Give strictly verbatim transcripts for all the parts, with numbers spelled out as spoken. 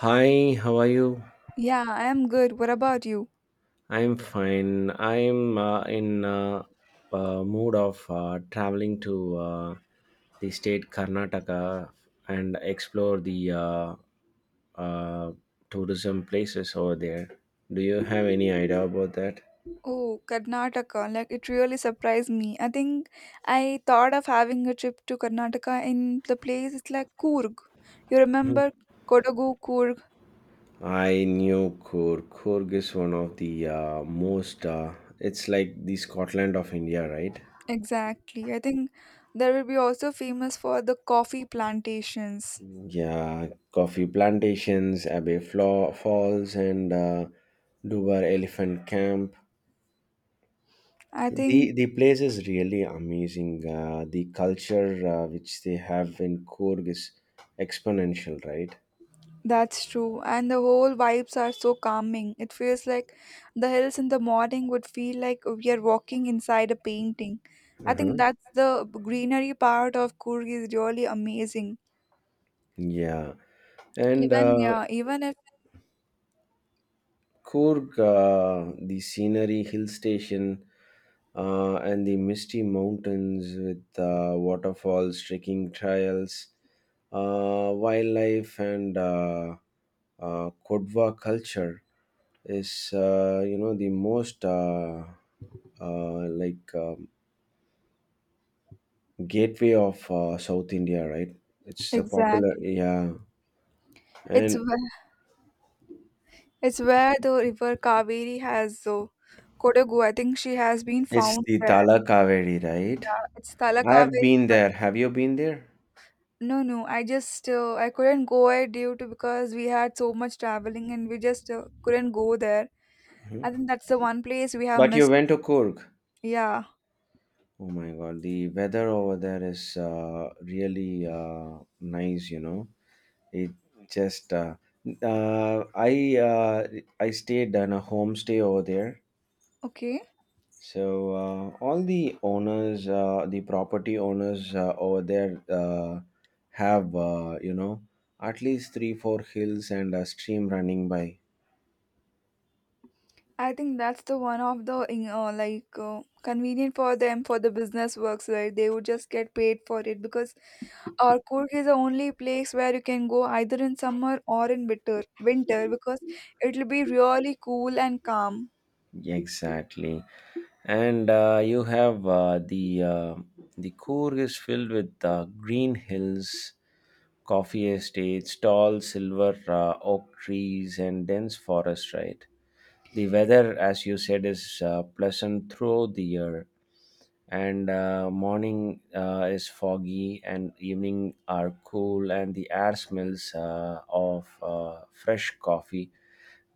Hi, how are you? Yeah, I am good. What about you? I'm fine. I'm uh, in uh, uh, mood of uh, traveling to uh, the state Karnataka and explore the uh, uh, tourism places over there. Do you have any idea about that? Oh, Karnataka. Like, it really surprised me. I think I thought of having a trip to Karnataka in the place. It's like Coorg. You remember Kodagu Coorg? I knew Coorg. Coorg is one of the uh, most. Uh, It's like the Scotland of India, right? Exactly. I think there will be also famous for the coffee plantations. Yeah, coffee plantations, Abbey Flaw Falls, and uh, Dubar Elephant Camp. I think The the place is really amazing. Uh, the culture uh, which they have in Coorg is exponential, right? that's true, and the whole vibes are so calming. It feels like the hills in the morning would feel like we are walking inside a painting. I Uh-huh. think that's the greenery part of Kurg is really amazing. Yeah, and Even uh, yeah, even if Coorg, uh, the scenery, hill station, uh, and the misty mountains with uh, waterfalls, trekking trails, uh, wildlife, and uh, uh, Kodwa culture is, uh, you know, the most uh, uh, like um, gateway of uh, South India, right? It's a popular, exactly, yeah. it's And where, it's where the river Kaveri has so Kodagu. I think she has been it's found the there. Tala Kaveri, right? Yeah, it's Thala I've Kaveri. been there. Have you been there? No, no, I just uh, I couldn't go there due to because we had so much traveling and we just uh, couldn't go there. I think that's the one place we have But you missed. went to Kurg. Yeah. Oh my God, the weather over there is uh, really uh, nice. You know, it just uh, uh, I uh, I stayed in a homestay over there. Okay. So, uh, all the owners, uh, the property owners uh, over there uh, have, uh, you know, at least three four hills and a stream running by. I think that's the one of the in- uh, like uh, convenient for them for the business works, right? They would just get paid for it because our Kurg is the only place where you can go either in summer or in winter, winter because it'll be really cool and calm. Yeah, exactly. And uh, you have uh, the uh, the core is filled with uh, green hills, coffee estates, tall silver uh, oak trees, and dense forest. Right. The weather, as you said, is uh, pleasant throughout the year, and uh, morning uh, is foggy and evening are cool, and the air smells uh, of uh, fresh coffee.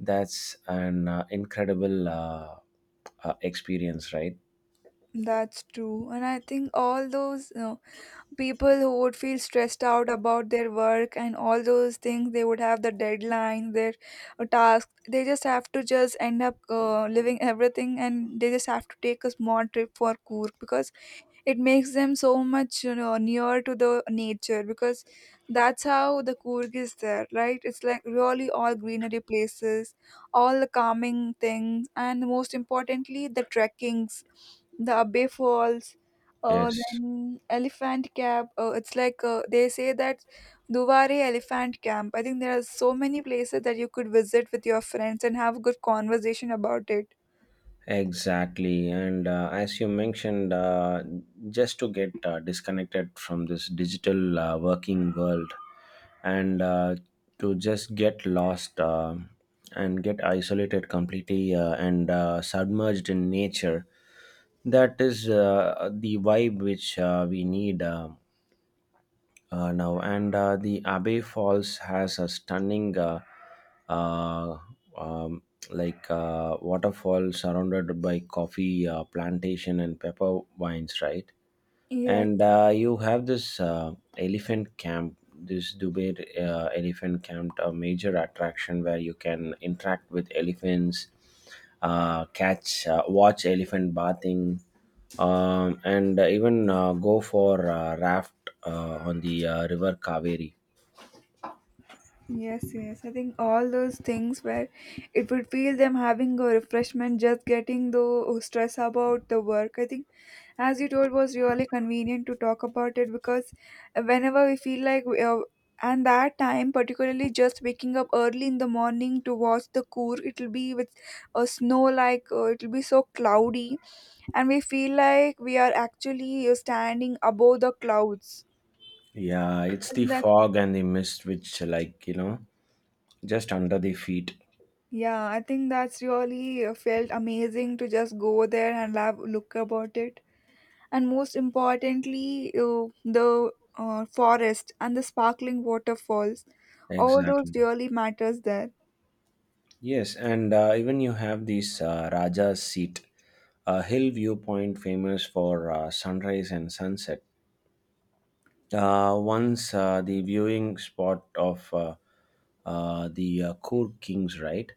That's an uh, incredible uh, uh, experience, right? That's true. And I think all those uh, people who would feel stressed out about their work and all those things they would have the deadline their uh, task they just have to just end up uh, living everything and they just have to take a small trip for coorg because it makes them so much you know near to the nature because that's how the Coorg is there right it's like really all greenery places all the calming things and most importantly the trekkings the Abbey Falls, uh, Yes. then Elephant Camp, uh, it's like uh, they say that Duwari Elephant Camp. I think there are so many places that you could visit with your friends and have a good conversation about it. Exactly. And uh, as you mentioned, uh, just to get uh, disconnected from this digital uh, working world, and uh, to just get lost uh, and get isolated completely, uh, and uh, submerged in nature. That is uh, the vibe which uh, we need. um uh, Now, and uh, the Abbey Falls has a stunning, uh, uh, um, like uh, waterfall surrounded by coffee uh, plantation and pepper vines, right? Yes. And uh, you have this uh, elephant camp, this Dubai uh, elephant camp, a major attraction where you can interact with elephants, uh, catch, uh, watch elephant bathing, um, and even uh, go for uh, raft uh, on the uh, river Kaveri. Yes, yes. I think all those things where it would feel them having a refreshment, just getting the stress about the work. I think, as you told, was really convenient to talk about it because whenever we feel like, we are, and that time, particularly just waking up early in the morning to watch the coor, it'll be with a snow like uh, it'll be so cloudy, and we feel like we are actually uh, standing above the clouds. Yeah, it's I the think that's fog and the mist which, like, you know, just under the feet. yeah, I think that's really uh, felt amazing to just go there and have a look about it. And most importantly, uh, the uh, forest and the sparkling waterfalls, all those Exactly. really matters there. Yes, and uh, even you have this uh, Raja's Seat, a hill viewpoint famous for uh, sunrise and sunset. Uh, once uh, the viewing spot of uh, uh, the uh, Kur kings, right?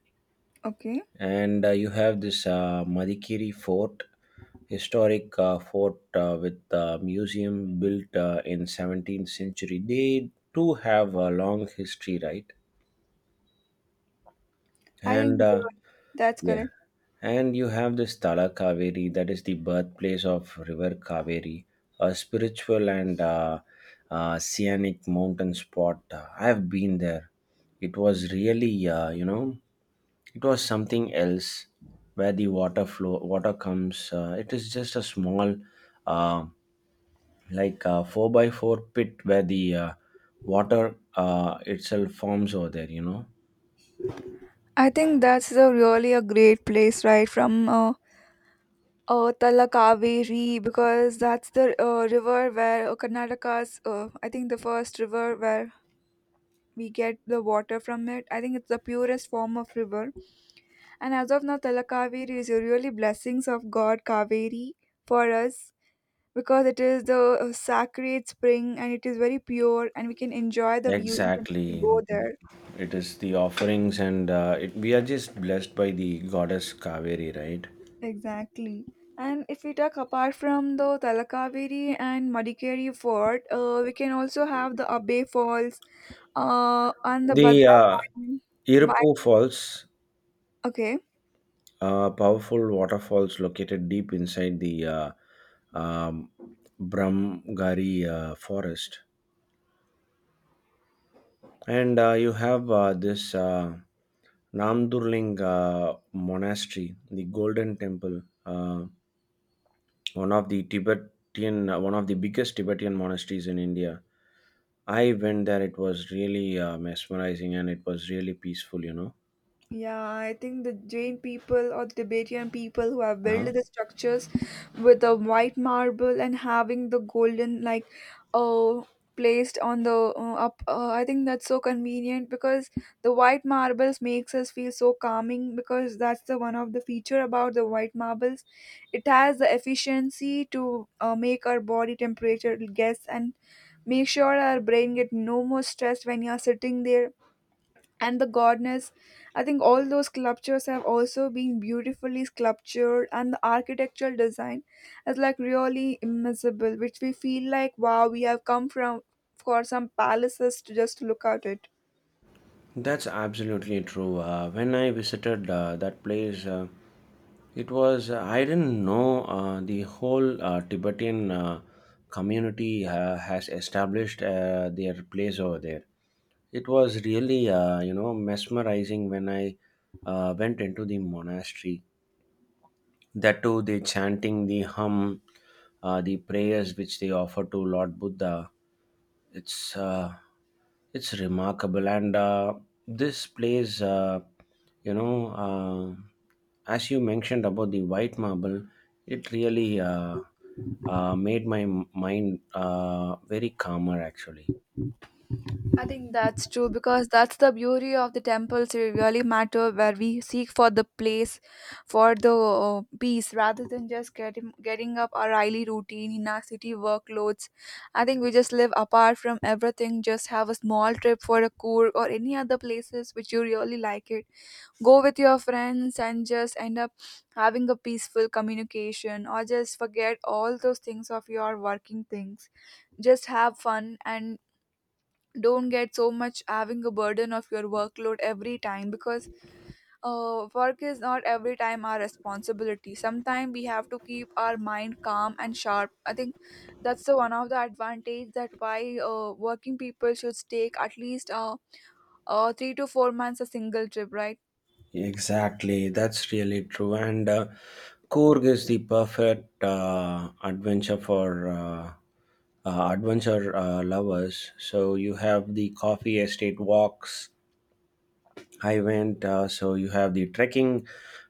Okay, And uh, you have this uh, Madikeri Fort, historic uh, fort uh, with a museum built uh, in seventeenth century. They too have a long history, right? I And think uh, you're- that's yeah, correct. and you have this Tala Kaveri, that is the birthplace of River Kaveri, a spiritual and uh, uh, scenic mountain spot. Uh, I have been there. It was really, uh, you know, it was something else, where the water flow water comes. Uh, it is just a small, uh, like a four by four pit, where the uh, water uh, itself forms over there, you know. I think that's a really a great place, right? From uh, uh, Talakaveri because that's the uh, river where uh, Karnataka's, uh, I think the first river where we get the water from it. I think it's the purest form of river. And as of now, Talakaveri is really blessings of God Kaveri for us because it is the uh, sacred spring and it is very pure and we can enjoy the view even if we go Exactly. there. It is the offerings, and uh, it, we are just blessed by the goddess Kaveri, right? Exactly. And if we talk apart from the Talakaveri and Madikeri Fort, uh, we can also have the Abbey Falls uh, and the The Bhadra uh, Valley. Irpu Why- Falls, Okay. Uh, powerful waterfalls located deep inside the uh, um, Brahmgari uh, forest. And uh, you have uh, this uh, Namdurling uh, monastery, the Golden Temple, uh, one of the Tibetan, uh, one of the biggest Tibetan monasteries in India. I went there. It was really uh, mesmerizing, and it was really peaceful, you know. Yeah, I think the Jain people or the Tibetan people who have Uh-huh. built the structures with the white marble and having the golden like uh placed on the uh, up uh, I think that's so convenient because the white marbles makes us feel so calming because that's the one of the feature about the white marbles. It has the efficiency to uh, make our body temperature guess and make sure our brain get no more stressed when you are sitting there and the goddess. I think all those sculptures have also been beautifully sculptured and the architectural design is like really immersible which we feel like wow, we have come from for some palaces to just look at it. That's absolutely true. Uh, when I visited uh, that place, uh, it was, uh, I didn't know uh, the whole uh, Tibetan uh, community uh, has established uh, their place over there. It was really, uh, you know, mesmerizing, when I uh, went into the monastery. That too, the chanting, the hum, uh, the prayers which they offer to Lord Buddha. It's uh, it's remarkable. And uh, this plays, uh, you know, uh, as you mentioned about the white marble, it really uh, uh, made my m- mind uh, very calmer actually. I think that's true because that's the beauty of the temples they really matter where we seek for the place for the uh, peace rather than just getting getting up our daily routine in our city workloads. I think we just live apart from everything, just have a small trip for a cool or any other places which you really like it. Go with your friends and just end up having a peaceful communication or just forget all those things of your working things, just have fun and don't get so much having a burden of your workload every time because uh, work is not every time our responsibility. Sometimes we have to keep our mind calm and sharp. I think that's the one of the advantage that why uh, working people should take at least uh, uh, three to four months a single trip, right? Exactly, that's really true. And uh, Korg is the perfect uh, adventure for uh, uh, adventure uh, lovers. So you have the coffee estate walks. I went. Uh, so you have the trekking,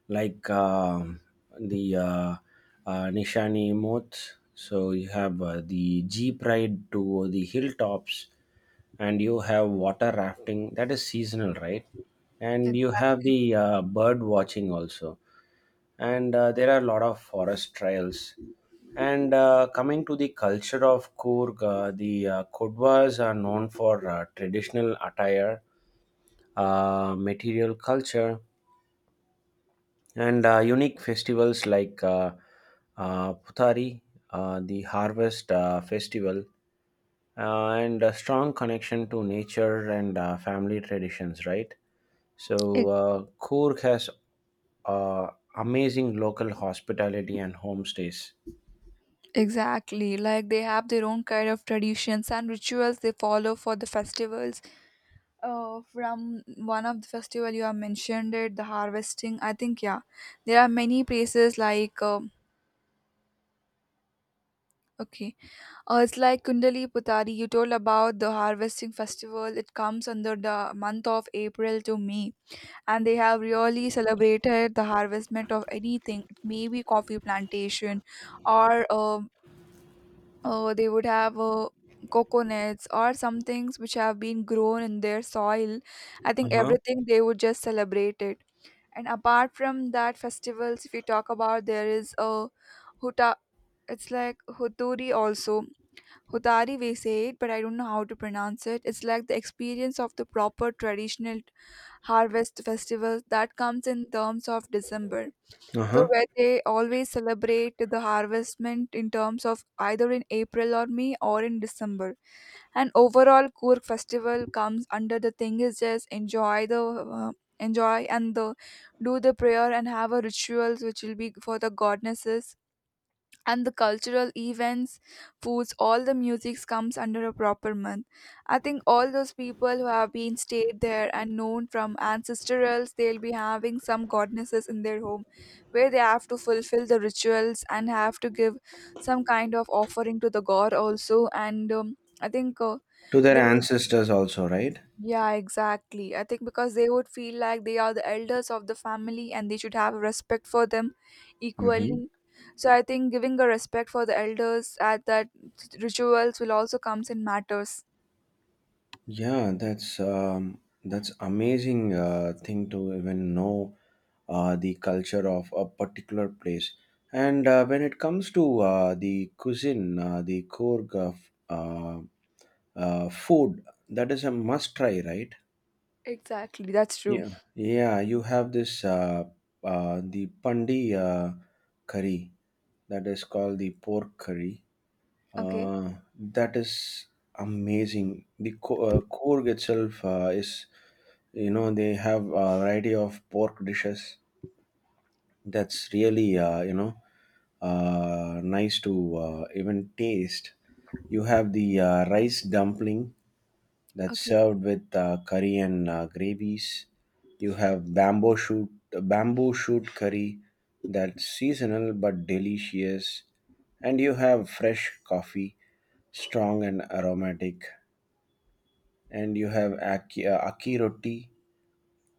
like um the uh, uh, Nishani Moth. So you have uh, the jeep ride to the hilltops, and you have water rafting that is seasonal, right? And you have Exactly. the uh, bird watching also, and uh, there are a lot of forest trails. And uh, coming to the culture of Kurg, uh, the uh, Kodwas are known for uh, traditional attire, uh, material culture, and uh, unique festivals like uh, uh, Puthari, uh, the Harvest uh, Festival, uh, and a strong connection to nature and uh, family traditions, right? E- So, uh, Coorg has uh, amazing local hospitality and homestays. exactly, like they have their own kind of traditions and rituals they follow for the festivals. Uh, from one of the festival you have mentioned it the harvesting, I think, yeah, there are many places like um okay, uh, it's like kundali putari. You told about the harvesting festival. It comes under the month of April to May, and they have really celebrated the harvestment of anything. It may be coffee plantation or uh, uh, they would have uh, coconuts or some things which have been grown in their soil. I Uh think huh. everything they would just celebrate it. And apart from that festivals, if we talk about, there is a huta, it's like huturi also, hutari, we say it, but I don't know how to pronounce it. It's like the experience of the proper traditional harvest festival that comes in terms of December. Uh So huh. where they always celebrate the harvestment in terms of either in April or May or in December. And overall Kurk festival comes under the thing is just enjoy the uh, enjoy and the do the prayer and have a rituals which will be for the goddesses and the cultural events, foods, all the music comes under a proper month. I think all those people who have been stayed there and known from ancestrals, they'll be having some goddesses in their home where they have to fulfill the rituals and have to give some kind of offering to the god also. And um, I think uh, To their they, ancestors also, right? yeah, exactly. I think because they would feel like they are the elders of the family and they should have respect for them Mm-hmm. equally. So I think giving a respect for the elders at that rituals will also comes in matters. Yeah, that's um, that's amazing uh, thing to even know uh, the culture of a particular place. And uh, when it comes to uh, the cuisine, uh, the Korg of, uh, uh, food, that is a must try, right? Exactly, that's true. Yeah, yeah. You have this uh, uh, the pandi uh, curry, that is called the pork curry. Okay, Uh, that is amazing. The co- uh, Coorg itself uh, is, you know, they have a variety of pork dishes. That's really, uh, you know, uh, nice to uh, even taste. You have the uh, rice dumpling, that's okay. served with uh, curry and uh, gravies. You have bamboo shoot bamboo shoot curry, that's seasonal but delicious, and you have fresh coffee, strong and aromatic, and you have aki, uh, aki roti,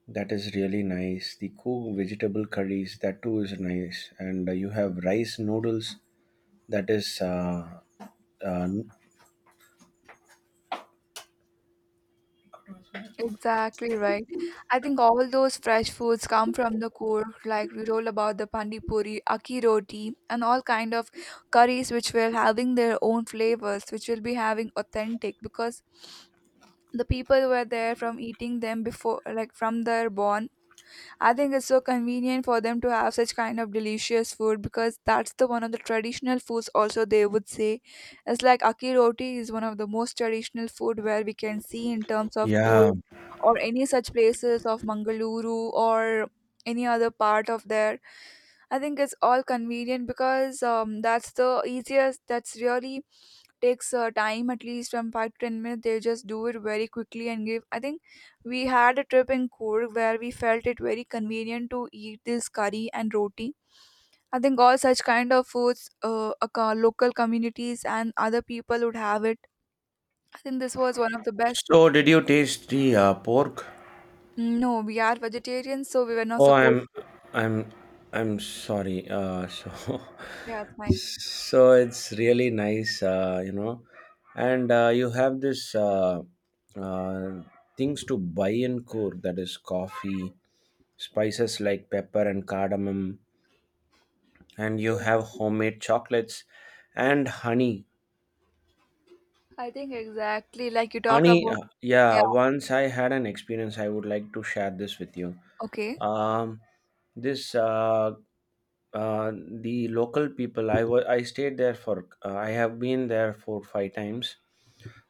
that is really nice. The cooked vegetable curries, that too is nice, and uh, you have rice noodles. That is. Uh, uh, Exactly right. I think all those fresh foods come from the core, like we roll about the pani puri, aki roti, and all kind of curries which will having their own flavors, which will be having authentic because the people were there from eating them before like from their born. I think it's so convenient for them to have such kind of delicious food because that's the one of the traditional foods also they would say. It's like aki roti is one of the most traditional food where we can see in terms of yeah. cool or any such places of mangaluru or any other part of there. I think it's all convenient because um, that's the easiest. That's really takes uh, time at least from five to ten minutes. They just do it very quickly and give. I think we had a trip in Kurg where we felt it very convenient to eat this curry and roti. I think all such kind of foods, uh, aco- local communities and other people would have it. I think this was one of the best. So, did you taste the uh, pork? No, we are vegetarians, so we were not Oh, I'm, supposed to. I'm, I'm sorry. Uh, so, Yeah, it's fine. So it's really nice, uh, you know, and uh, you have this uh, uh, things to buy in Coorg: that is coffee, spices like pepper and cardamom, and you Yeah, have homemade chocolates and honey. I think exactly like you talked Honey, about. uh, yeah, Yeah. once I had an experience, I would like to share this with you. Okay. Um, this uh, uh, the local people. I wa- I stayed there for. Uh, I have been there for five times.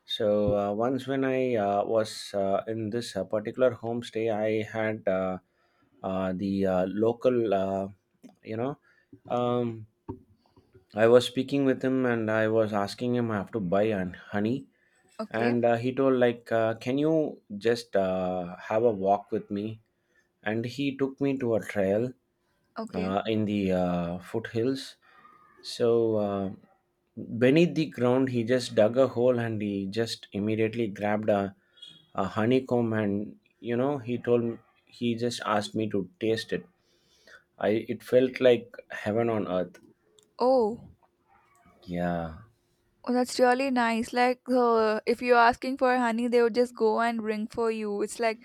So, uh, once when I uh, was uh, in this uh, particular homestay, I had, uh, uh, the uh, local, Uh, you know, um, I was speaking with him, and I was asking him, I have to buy an honey, Okay. and uh, he told like, uh, can you just uh, have a walk with me? And he took me to a trail Okay. uh, in the uh, foothills. So, uh, beneath the ground, he just dug a hole, and he just immediately grabbed a, a honeycomb, and you know, he told me, he just asked me to taste it. I, it felt like heaven on earth. Oh, Yeah. oh, that's really nice. Like, uh, if you're asking for honey, they would just go and bring for you. It's like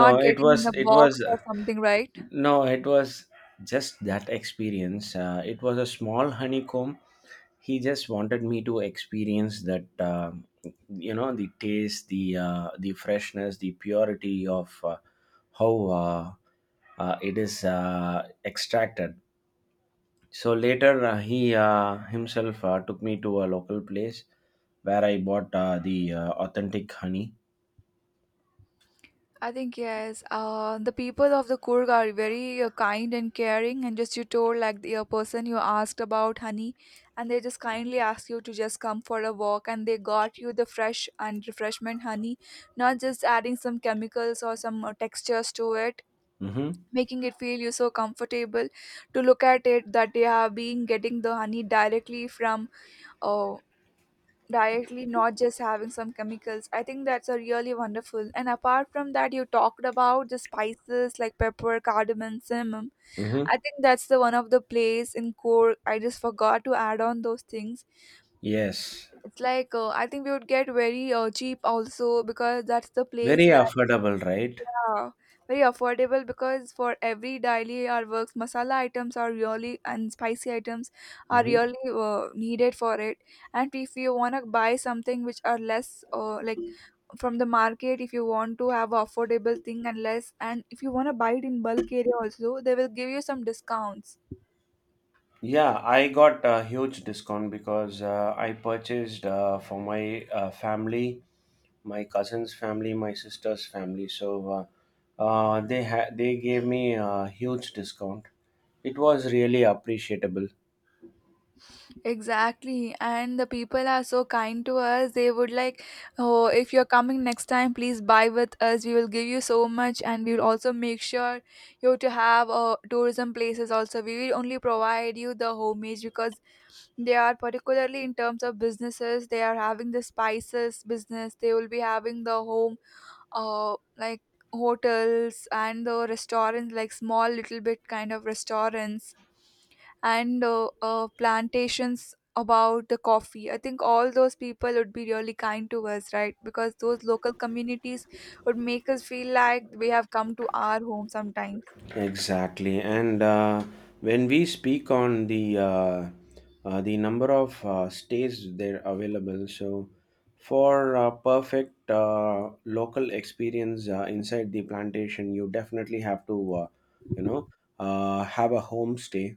no it getting in was a it box was or something, right? no It was just that experience. Uh, it was a small honeycomb. He just wanted me to experience that, uh, you know, the taste, the uh, the freshness, the purity of, uh, how uh, uh, it is uh, extracted. So later, uh, he uh, himself uh, took me to a local place where I bought uh, the uh, authentic honey. I think yes. Uh, the people of the Kurg are very uh, kind and caring, and just you told like the uh, person you asked about honey, and they just kindly ask you to just come for a walk, and they got you the fresh and refreshment honey, not just adding some chemicals or some uh, textures to it Mm-hmm. making it feel you so comfortable to look at it that they are being getting the honey directly from uh, directly not just having some chemicals. I think that's a really wonderful and apart from that you talked about the spices like pepper, cardamom, cinnamon. Mm-hmm. I think that's the one of the place in core. I just forgot to add on those things. Yes. It's like uh, I think we would get very uh, cheap also because that's the Very place where. affordable, right? Yeah, very affordable because for every daily our works, masala items are really and spicy items are Mm-hmm. really uh, needed for it. And if you want to buy something which are less uh, like from the market, if you want to have affordable thing and less, and if you want to buy it in bulk area also, they will give you some discounts. Yeah, I got a huge discount because uh, I purchased uh, for my uh, family, my cousin's family, my sister's family. So uh, uh, they ha- they gave me a huge discount. It was really appreciable. Exactly, and the people are so kind to us. They would like, oh, if you're coming next time, please buy with us. We will give you so much, and we will also make sure you to have uh, tourism places. Also, we will only provide you the homage because they are particularly in terms of businesses. They are having the spices business. They will be having the home, uh, like hotels and the restaurants, like small little bit kind of restaurants and uh, uh, plantations about the coffee. I think all those people would be really kind to us, right? Because those local communities would make us feel like we have come to our home sometimes. Exactly, and uh, when we speak on the uh, uh, the number of uh, stays they're available, so for uh, perfect uh, local experience uh, inside the plantation, you definitely have to, uh, you know, uh, have a homestay.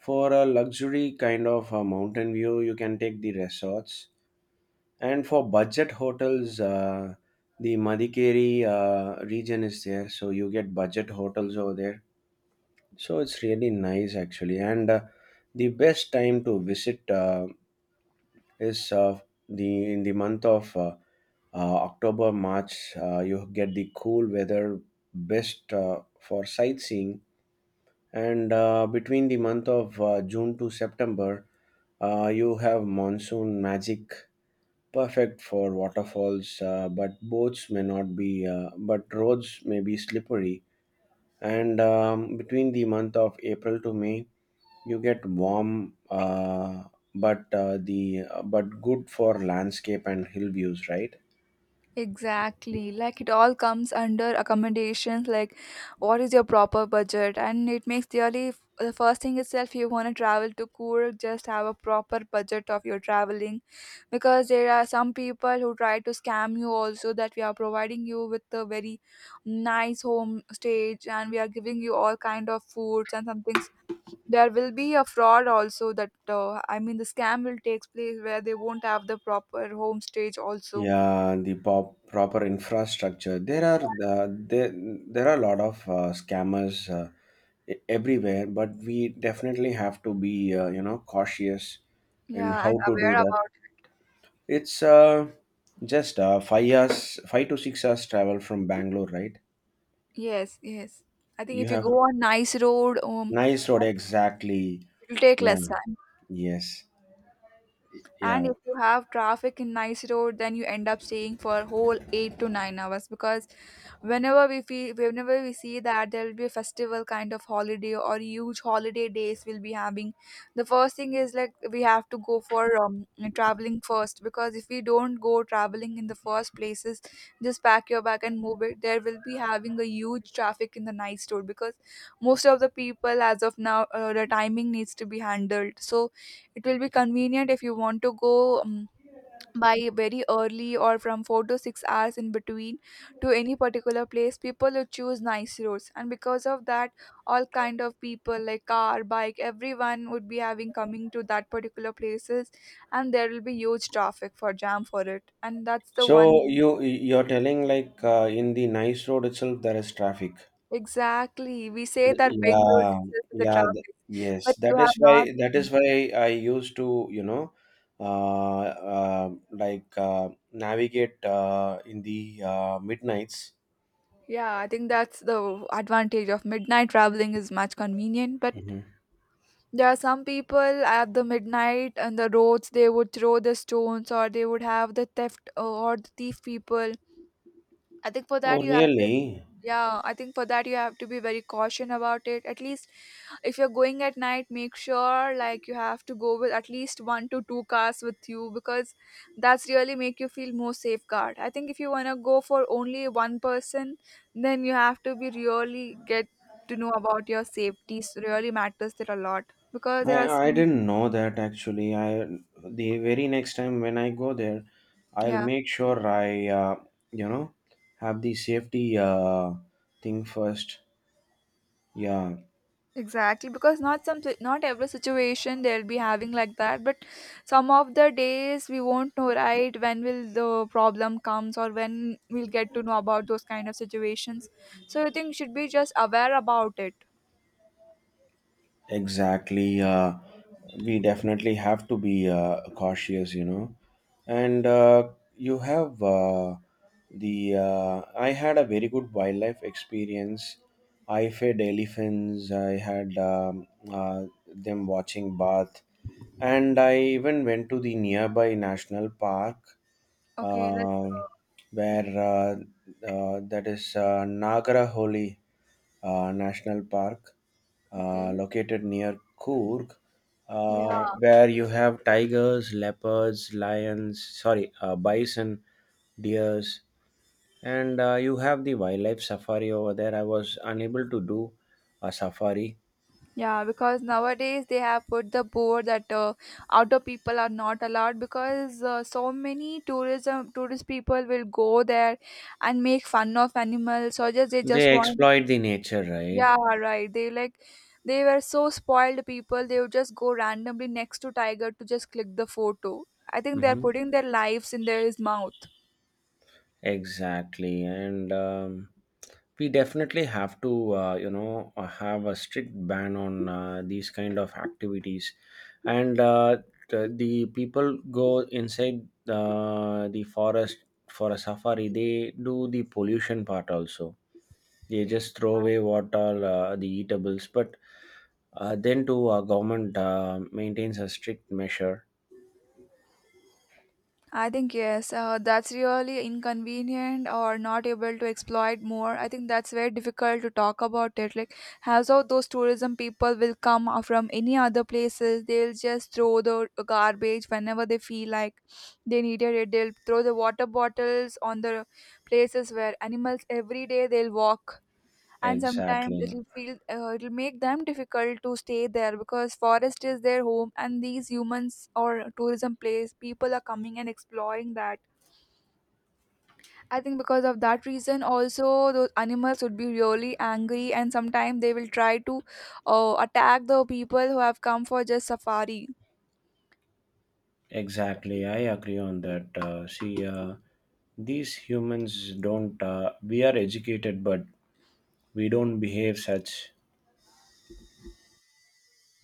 For a luxury kind of uh, mountain view, you can take the resorts, and for budget hotels, uh, the Madikeri uh, region is there, so you get budget hotels over there. So it's really nice actually, and uh, the best time to visit uh, is uh, the in the month of uh, uh, October, March. Uh, you get the cool weather, best uh, for sightseeing, and uh, between the month of uh, June to September, uh, you have monsoon magic, perfect for waterfalls. Uh, but boats may not be, uh, but roads may be slippery. And um, Between the month of April to May you get warm, uh, but uh, the but good for landscape and hill views, right? Exactly. Like it all comes under accommodations, like what is your proper budget? And it makes really the first thing itself you want to travel to cool? Just have a proper budget of your traveling because there are some people who try to scam you also that we are providing you with a very nice home stage and we are giving you all kind of foods and some things. There will be a fraud also that uh, I mean the scam will takes place where they won't have the proper home stage also. Yeah, the pop, proper infrastructure. there are the, there, there are a lot of uh, scammers uh, e- everywhere, but we definitely have to be, uh, you know, cautious in Yeah, how I'm to aware do that. about. It's uh, just uh, five hours five to six hours travel from Bangalore, right? Yes, yes, I think You if you have go on nice road, um, nice road, exactly. it will take Yeah, less time. yes, yeah. And if you have traffic in nice road then you end up staying for whole eight to nine hours because whenever we feel whenever we see that there will be a festival kind of holiday or huge holiday days we'll be having. The first thing is like we have to go for um, traveling first because if we don't go traveling in the first places just pack your bag and move it there will be having a huge traffic in the night store because most of the people as of now uh, the timing needs to be handled. So it will be convenient if you want to go um, by very early or from four to six hours in between to any particular place. People would choose nice roads, and because of that, all kind of people like car, bike, everyone would be having coming to that particular places, and there will be huge traffic for jam for it. And that's the one. So you you're telling like, uh, in the nice road itself there is traffic. Exactly, we say Th- that Bangalore Yeah, itself is the yeah, th- traffic, yes. but you That is have why not. that is why I used to, you know, uh, uh, like, uh, navigate, uh, in the uh, midnights. Yeah, I think that's the advantage of midnight traveling is much convenient, but Hmm. there are some people at the midnight on the roads, they would throw the stones or they would have the theft uh, or the thief people. I think for Oh, that you have. really? Yeah, I think for that you have to be very cautious about it. At least if you're going at night make sure like you have to go with at least one to two cars with you because that's really make you feel more safeguard. I think if you want to go for only one person then you have to be really get to know about your safety, so really matters there a lot because there I are I some. didn't know that actually. I, the very next time when I go there, I'll Yeah. make sure I, uh, you know, have the safety, uh, thing first. Yeah. Exactly, because not some si-, not every situation they'll be having like that, but some of the days we won't know right when will the problem comes or when we'll get to know about those kind of situations. So I think you should be just aware about it. Exactly. Uh, we definitely have to be, uh, cautious, you know. And uh, you have uh, the. Uh, I had a very good wildlife experience. I fed elephants. I had um, uh, them watching bath, and I even went to the nearby national park, Okay, let's. uh, where uh, uh, that is, uh, Nagara uh, National Park, Uh, uh, okay. located near Coorg, Yeah, uh, where you have tigers, leopards, lions, sorry, uh, bison, deers, and uh, you have the wildlife safari over there. I was unable to do a safari. yeah, because nowadays they have put the board that uh, outdoor people are not allowed because uh, so many tourism tourist people will go there and make fun of animals or just they just They want. exploit the nature, right? Yeah, right. They like they were so spoiled people. They would just go randomly next to tiger to just click the photo. I think they are Hmm. putting their lives in their his mouth. Exactly, and um, we definitely have to, uh, you know, uh, have a strict ban on uh, these kind of activities, and uh, the, the people go inside uh, the forest for a safari. They do the pollution part also. They Exactly. just throw away what are uh, the eatables, but uh, then too, our government uh, maintains a strict measure. I think yes, uh, that's really inconvenient or not able to exploit more. I think that's very difficult to talk about it. Like, as all those tourism people will come uh, from any other places, they'll just throw the garbage whenever they feel like they needed it. They'll throw the water bottles on the places where animals every day they'll walk and sometimes Exactly. it'll feel uh, it'll make them difficult to stay there because forest is their home and these humans or tourism place people are coming and exploring that. I think because of that reason also those animals would be really angry and sometimes they will try to uh, attack the people who have come for just safari Exactly, I agree on that. Uh, see, uh, these humans don't, uh, we are educated, but we don't behave such.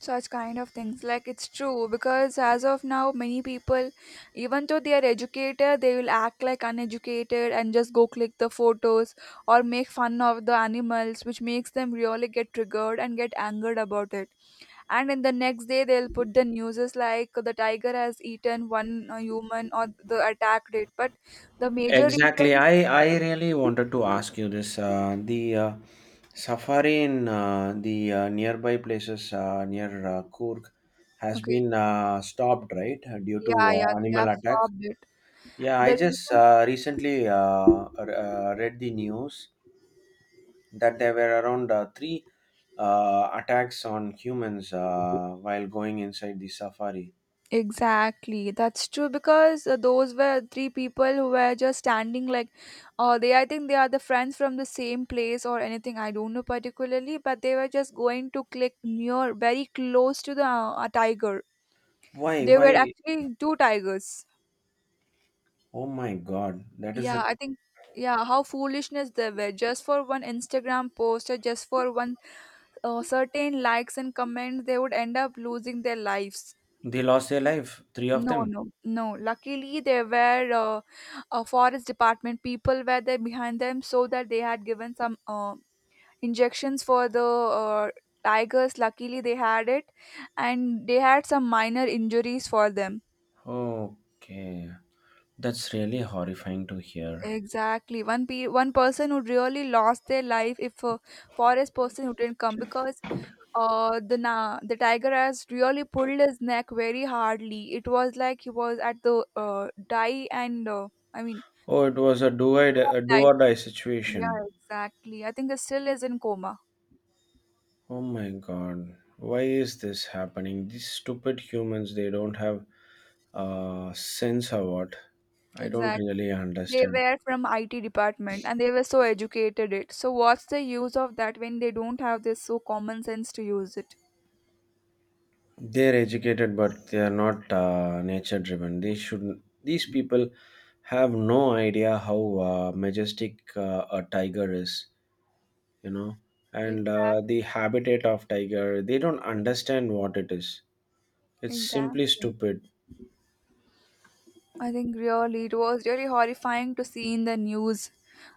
such kind of things. Like it's true because as of now many people even though they are educated they will act like uneducated and just go click the photos or make fun of the animals which makes them really get triggered and get angered about it. And in the next day they'll put the newses like the tiger has eaten one uh, human or the attack date, but the major Exactly. reason. I i really wanted to ask you this, uh, the uh, safari in uh, the uh, nearby places uh, near uh, Kurg has Okay. been uh, stopped, right? Due to Yeah, yeah, uh, they animal have attack. stopped it. Yeah, The I just reason. uh, recently, uh, r- uh, read the news that there were around, uh, three uh, attacks on humans uh, while going inside the safari. Exactly, that's true because uh, those were three people who were just standing like, uh, they I think they are the friends from the same place or anything I don't know particularly, but they were just going to click near very close to the uh, tiger. Why, They were why? actually two tigers. Oh my god, that is Yeah, a— I think yeah, how foolishness they were just for one Instagram post or just for one uh, certain likes and comments, they would end up losing their lives. They lost their life, three of No, them. no, no. Luckily, there were uh, a forest department people were there behind them, so that they had given some uh, injections for the uh, tigers. Luckily, they had it, and they had some minor injuries for them. Okay, that's really horrifying to hear. Exactly, one pe one person would really lost their life if a forest person wouldn't come because uh the na the tiger has really pulled his neck very hardly. It was like he was at the uh die and uh, I mean Oh, it was a do I do or a do die or die situ-. Yeah, situation. exactly. I think it still is in coma. Oh my god, why is this happening? These stupid humans, they don't have, uh, sense or what? I don't Exactly. really They understand. were from I T department and they were so educated it. So what's the use of that when they don't have this so common sense to use it? They're educated, but they are not, uh, nature driven. They should. These people have no idea how, uh, majestic uh, a tiger is. You know, and uh, Exact. the habitat of tiger they don't understand what it is. It's simply Exactly. stupid. I think really it was really horrifying to see in the news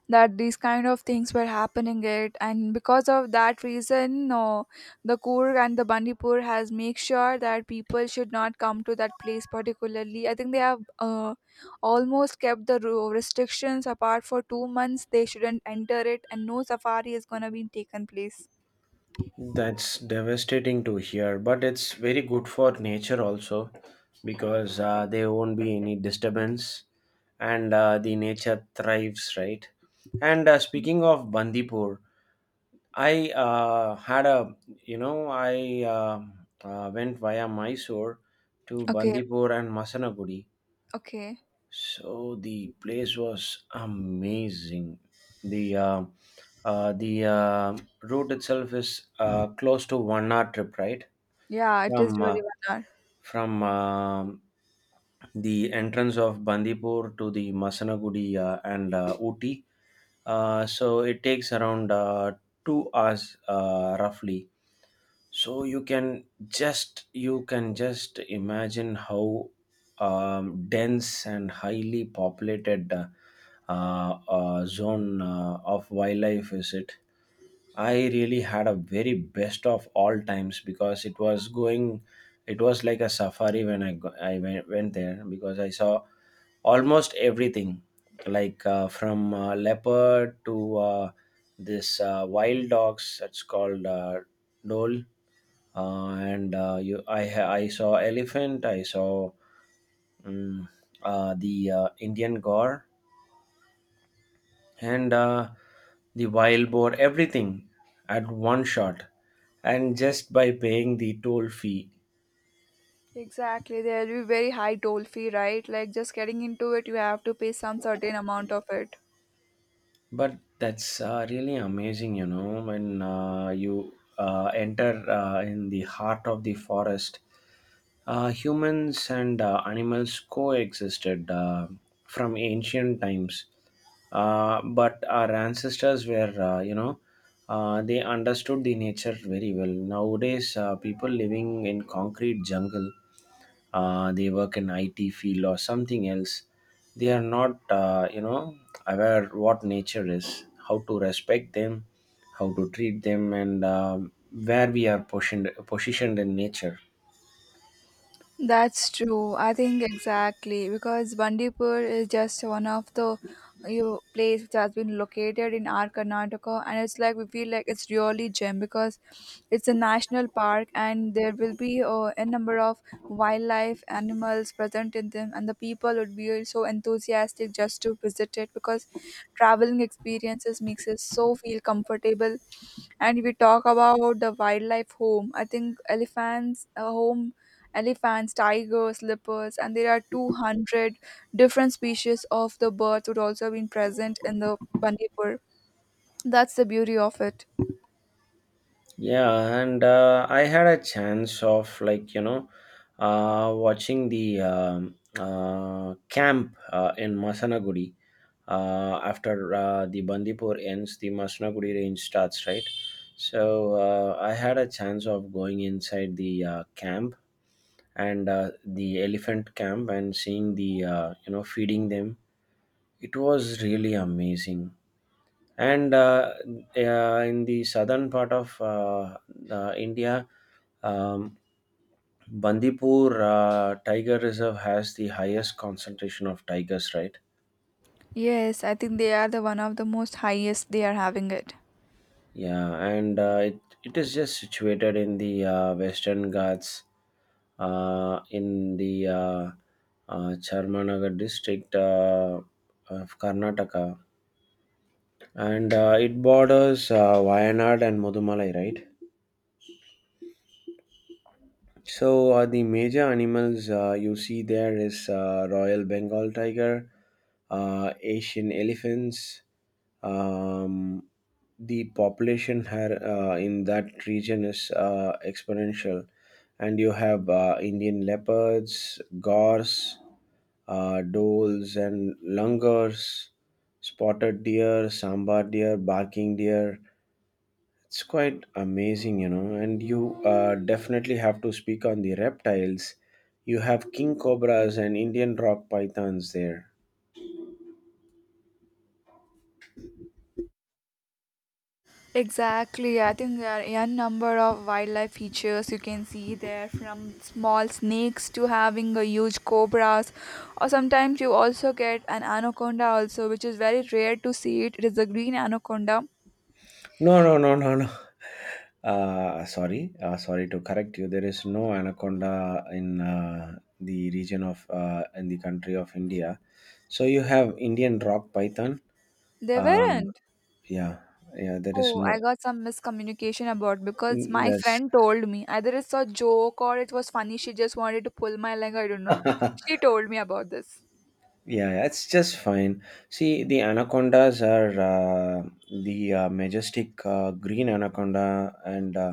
that these kind of things were happening it and because of that reason uh, the Kurg and the Bandipur has make sure that people should not come to that place particularly. I think they have uh, almost kept the ru- restrictions apart for two months they shouldn't enter it and no safari is going to be taken place. That's devastating to hear, but it's very good for nature also, because uh, there won't be any disturbance, and uh, the nature thrives, right? And uh, Mm. speaking of Bandipur, I uh, had a, you know, I uh, uh, went via Mysore to Okay. Bandipur and Masanagudi. Okay, So the place was amazing. The uh, uh, the uh, route itself is uh, close to one hour trip, right? yeah, it From is uh, really bad. from um the entrance of Bandipur to the Masanagudi, uh, and uh, Ooty. Uh, so it takes around, uh, two hours, uh, roughly. So you can just you can just imagine how um, dense and highly populated uh, uh, uh, zone uh, of wildlife is it. I really had a very best of all times, because it was going, it was like a safari when I go, I went, went there, because I saw almost everything, like uh, from uh, leopard to uh, this uh, wild dogs, that's called uh, dole, uh, and uh, you, I, ha- I saw elephant, I saw um, uh, the uh, Indian gore, and uh, the wild boar, everything at one shot, and just by paying the toll fee. Exactly, there will be very high toll fee, right? Like just getting into it, you have to pay some certain amount of it. But that's uh, really amazing, you know, when uh, you uh, enter uh, in the heart of the forest. Uh, humans and uh, animals coexisted uh, from ancient times, uh, but our ancestors were, uh, you know, uh, they understood the nature very well. Nowadays, uh, people living in concrete jungle, uh, they work in I T field or something else. They are not, uh, you know, aware what nature is, how to respect them, how to treat them, and um where we are positioned positioned in nature. That's true. I think exactly because Bandipur is just one of the you place which has been located in our Karnataka, and it's like we feel like it's really gem because it's a national park, and there will be uh, a number of wildlife animals present in them, and the people would be so enthusiastic just to visit it because traveling experiences makes us so feel comfortable. And if we talk about the wildlife home I think elephants uh, home elephants, tigers, leopards, and there are two hundred different species of the birds would also have been present in the Bandipur. That's the beauty of it. Yeah, and uh, I had a chance of, like, you know, uh, watching the um, uh, camp uh, in Masanagudi. Uh, after uh, the Bandipur ends, the Masanagudi range starts, right? So uh, I had a chance of going inside the uh, camp and uh, the elephant camp, and seeing the, uh, you know, feeding them. It was really amazing, and uh, uh, in the southern part of uh, uh, India, um, Bandipur uh, Tiger Reserve has the highest concentration of tigers, right? Yes, I think they are the one of the most highest they are having it. Yeah, and uh, it, it is just situated in the uh, Western Ghats, uh, in the uh, uh, Charmanagar district uh, of Karnataka, and uh, it borders uh, Wayanad and Mudumalai, right? So uh, the major animals uh, you see there is uh, Royal Bengal tiger, uh, Asian elephants. Um, the population here uh, in that region is uh, exponential, and you have uh, Indian leopards, gores, uh, doles, and langurs, spotted deer, sambar deer, barking deer. It's quite amazing, you know. And you uh, definitely have to speak on the reptiles. You have king cobras and Indian rock pythons there. Exactly. I think there are a number of wildlife features you can see there from small snakes to having a huge cobras or sometimes you also get an anaconda also which is very rare to see it. It is a green anaconda. No, no, no, no, no. Uh, sorry, uh, sorry to correct you. There is no anaconda in uh, the region of uh, in the country of India. So you have Indian rock python. They Uh, weren't. yeah, yeah. There is Oh, I no. got some miscommunication about because my That's— friend told me either it's a joke or it was funny. She just wanted to pull my leg. I don't know. She told me about this. Yeah, yeah, it's just fine. See, the anacondas are uh, the uh, majestic uh, green anaconda, and uh,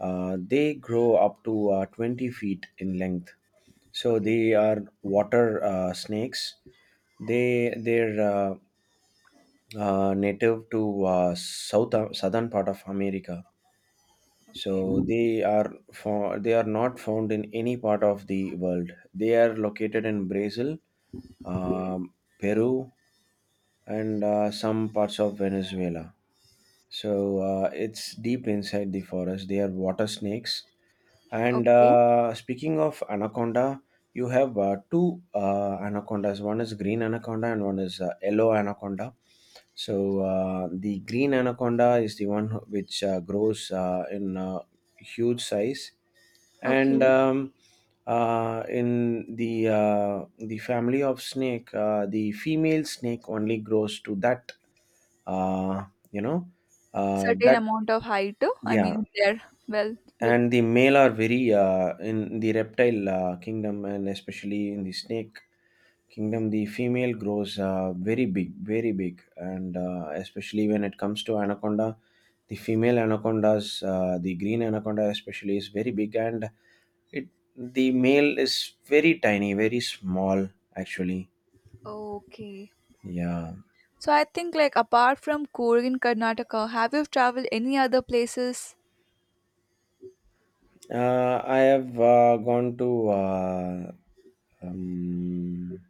uh, they grow up to uh, twenty feet in length. So Okay, they are water uh, snakes. They they're uh, uh, native to uh, south uh, southern part of America. okay, So they are for they are not found in any part of the world. They are located in Brazil, okay. um, Peru, and uh, some parts of Venezuela. So uh, it's deep inside the forest. They are water snakes, and Okay, uh, speaking of anaconda, you have uh, two uh, anacondas. One is green anaconda, and one is uh, yellow anaconda. So uh, the green anaconda is the one who- which uh, grows uh, in uh, huge size, and okay. um, uh, in the uh, the family of snake, uh, the female snake only grows to that. Uh, you know, uh, Certain that amount of height. uh, I yeah. mean, there. Well, with. And the male are very, uh, in the reptile uh, kingdom, and especially in the snake kingdom, the female grows, uh, very big very big, and uh, especially when it comes to anaconda, the female anacondas, uh, the green anaconda especially, is very big. And it the male is very tiny, very small actually. Okay. Yeah. So I think like apart from Coorg in Karnataka, have you traveled any other places? uh, I have uh, gone to uh, um,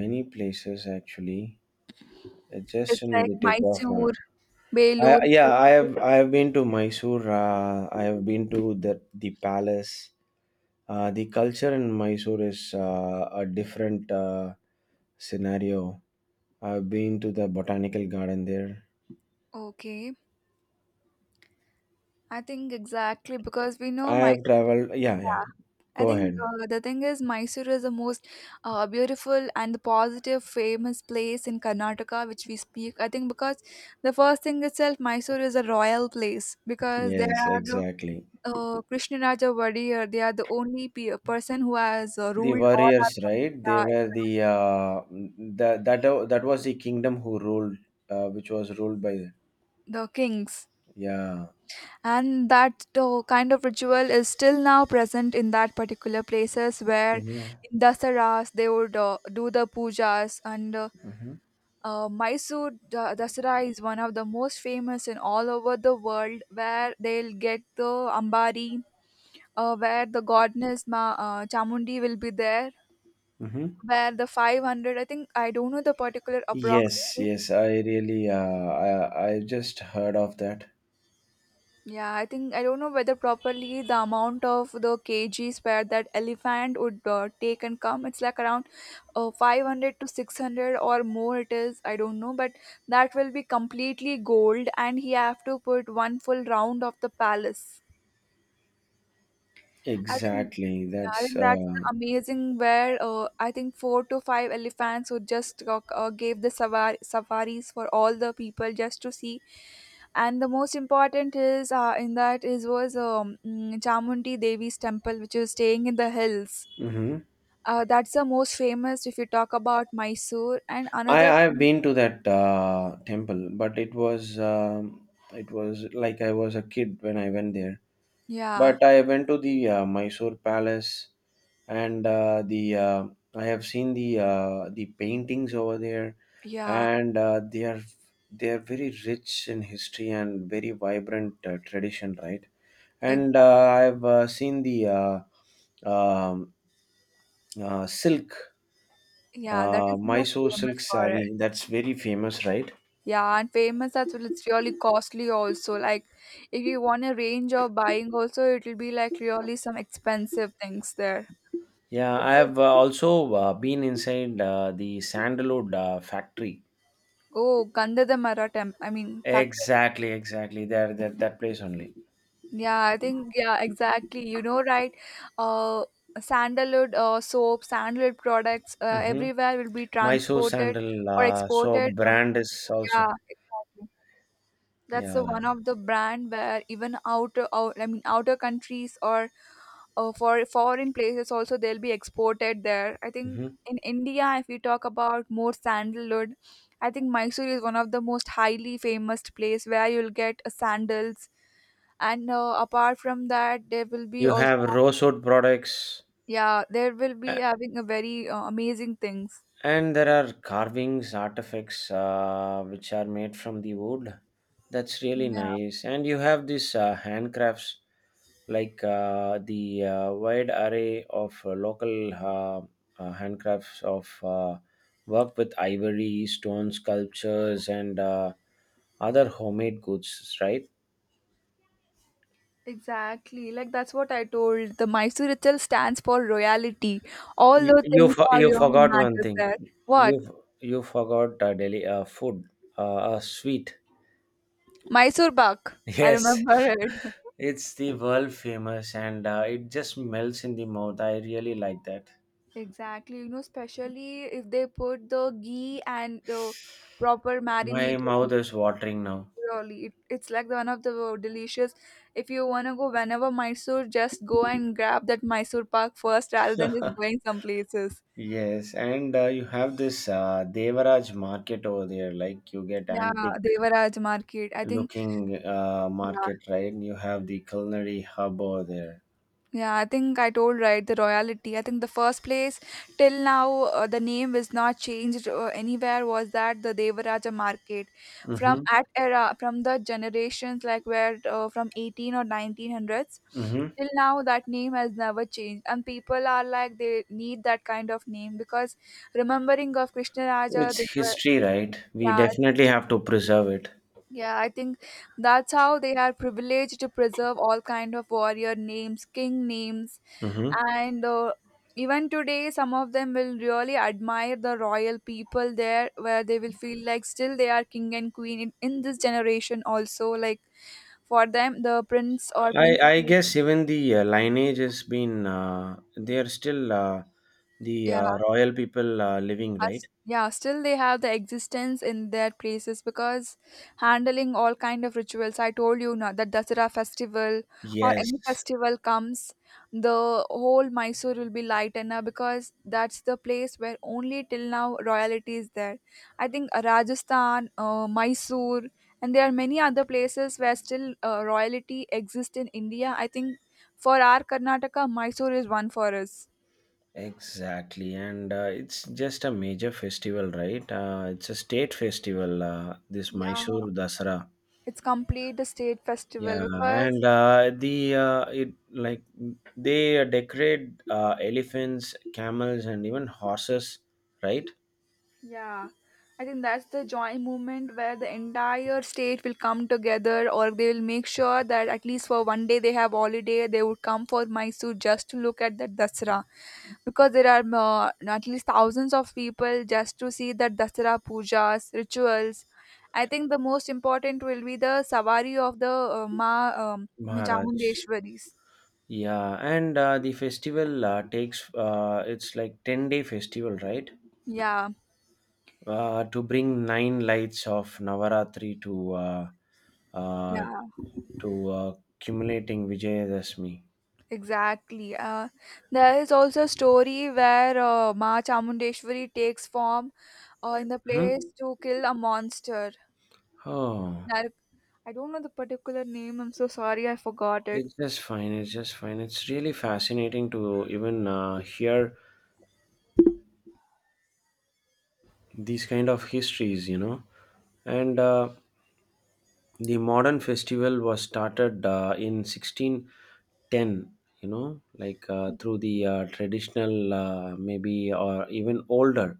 many places actually. uh, Just It's in like the tip of my— Mysore, I, Belur. yeah, I have I have been to Mysore. Uh, I have been to the the palace. Uh, the culture in Mysore is uh, a different uh, scenario. I've been to the botanical garden there. Okay, I think exactly because we know I Mysore. have traveled. Yeah, Yeah. yeah. I Go think ahead. uh, the thing is, Mysore is the most uh, beautiful and the positive, famous place in Karnataka, which we speak. I think because the first thing itself, Mysore is a royal place because there Yes, are the exactly. uh, Krishnaraja Wadiyar. They are the only pe- person who has uh, The ruled all our warriors, country. right? They Yeah, were the, uh, that that that was the kingdom who ruled, uh, which was ruled by the— the kings, Yeah. and that uh, kind of ritual is still now present in that particular places where Hmm. in Dasaras they would uh, do the pujas and. Uh, hmm. Uh, Mysore Da- Dasara is one of the most famous in all over the world, where they'll get the Ambari, uh, where the goddess Ma- uh, Chamundi will be there, Hmm. where the five hundred, I think, I don't know the particular approx. Yes, yes. I really, uh, I I just heard of that. Yeah, I think I don't know whether properly the amount of the kgs per that elephant would uh, take and come. It's like around uh, five hundred to six hundred or more it is. I don't know, but that will be completely gold and he have to put one full round of the palace. I think, Exactly. yeah, I That's think that's uh, the amazing where uh, I think four to five elephants who just uh, uh, gave the savar- safaris for all the people just to see. And the most important is uh, in that is was um, mm, Chamundi Devi's temple, which is staying in the hills. Hmm. Uh, that's the most famous if you talk about Mysore. And I another, I've been to that uh, temple, but it was um, it was like I was a kid when I went there. yeah, But I went to the uh, Mysore Palace, and uh, the uh, I have seen the uh, the paintings over there, yeah, and uh, they are they are very rich in history and very vibrant uh, tradition, right? And ex- uh, I've uh, seen the uh, um, uh, silk, yeah, that uh, is most Mysore silk famous for it. saree. That's very famous, right? Yeah, and famous as well, it's really costly also. Like if you want a range of buying also it'll be like really some expensive things there. Yeah, I Because- have uh, also uh, been inside uh, the sandalwood uh, factory. Oh, Gandhadamara temp I mean factor. Exactly, exactly. There, that that place only. Yeah, I think yeah, exactly. You know, right? Uh Sandalwood uh, soap, sandalwood products uh, Mm-hmm. everywhere will be Mysore transported sandal. or Uh, so exported. Uh, brand is Yeah, also. exactly. That's the Yeah. one of the brand where even outer, out, I mean outer countries or uh, for foreign places also they'll be exported there. I think Mm-hmm. in India, if we talk about more sandalwood, I think Mysore is one of the most highly famous place where you'll get uh, sandals. And uh, apart from that, there will be You also have rose wood products. yeah, there will be uh, having a very uh, amazing things. And there are carvings, artifacts uh, which are made from the wood. That's really nice. And you have these uh, handcrafts, like uh, the uh, wide array of uh, local uh, uh, handcrafts of uh, work with ivory, stone sculptures, and uh, other homemade goods, right? Exactly. Like that's what I told. The Mysore itself stands for royalty. All You those you, things for, are You really forgot one matters thing. there. You What? you forgot uh, Delhi uh, food, uh, a sweet. Mysore buck. I Yes, remember it. it's the world famous, and uh, it just melts in the mouth. I really like that. Exactly. You know, especially if they put the ghee and the proper My marinade. I mouth mean, is watering now. really, it, it's like the one of the delicious. If you wanna go whenever Mysore, just go and grab that Mysore pak first, rather than just going some places. Yes, and uh, you have this uh, Devaraj market over there. Like, you get Yeah, antique Devaraj Market. I think. looking uh, Yeah, market, right? You have the culinary hub over there. yeah, I think I told right the royalty. I think the first place till now uh, the name is not changed uh, anywhere was that the Devaraja market from Mm-hmm. at era from the generations like where uh, from eighteen or nineteen hundreds Mm-hmm. till now that name has never changed and people are like they need that kind of name because remembering of Krishna Raja they It's were history, right? We yeah, definitely have to preserve it. yeah, I think that's how they are privileged to preserve all kind of warrior names, king names, Mm-hmm. and uh, even today some of them will really admire the royal people there where they will feel like still they are king and queen in, in this generation also like for them the prince or I I princess guess even the uh, lineage has been, uh, they are still uh, the yeah uh, royal people uh, living, us right? yeah still they have the existence in their places because handling all kind of rituals I told you now that Dasara festival or any Yes, festival comes the whole Mysore will be lightened now because that's the place where only till now royalty is there. I think uh, Rajasthan, uh, Mysore and there are many other places where still uh, royalty exists in India. I think for our Karnataka, Mysore is one for us. exactly, and uh, it's just a major festival, right? Uh, it's a state festival. Uh, this Yeah, Mysore Dasara. it's complete a state festival Yeah, and because uh, the uh, it like they uh, decorate uh, elephants, camels, and even horses, right? yeah, I think that's the joint movement where the entire state will come together or they will make sure that at least for one day they have holiday, they would come for Mysore just to look at that Dasara because there are uh, at least thousands of people just to see that Dasara pujas, rituals. I think the most important will be the savari of the uh, Ma um, Maharaj. Chamundeshwaris. Yeah, and uh, the festival uh, takes uh, it's like ten day festival, right? Yeah, Uh, to bring nine lights of Navaratri to uh, uh, yeah. to uh, accumulating Vijayadashmi. Exactly. Uh, there is also a story where uh, Ma Chamundeshwari takes form uh, in the Hmm? place to kill a monster. Oh, Nar- I don't know the particular name. I'm so sorry. I forgot it. it's just fine. It's just fine. It's really fascinating to even uh, hear these kind of histories, you know, and. Uh, the modern festival was started uh, in sixteen ten, you know, like uh, through the uh, traditional, uh, maybe or even older.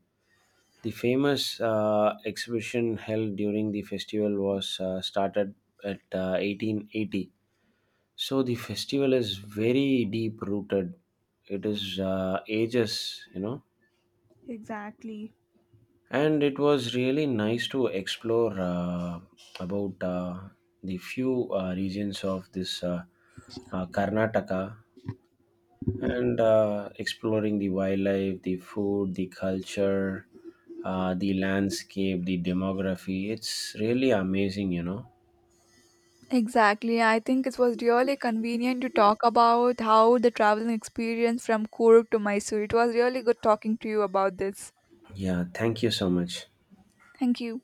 The famous uh, exhibition held during the festival was uh, started at uh, eighteen eighty. So the festival is very deep rooted. It is uh, ages, you know. Exactly. And it was really nice to explore uh, about uh, the few uh, regions of this uh, uh, Karnataka, and uh, exploring the wildlife, the food, the culture, uh, the landscape, the demography. It's really amazing, you know. Exactly. I think it was really convenient to talk about how the traveling experience from Kuruk to Mysore. It was really good talking to you about this. Yeah, thank you so much. Thank you.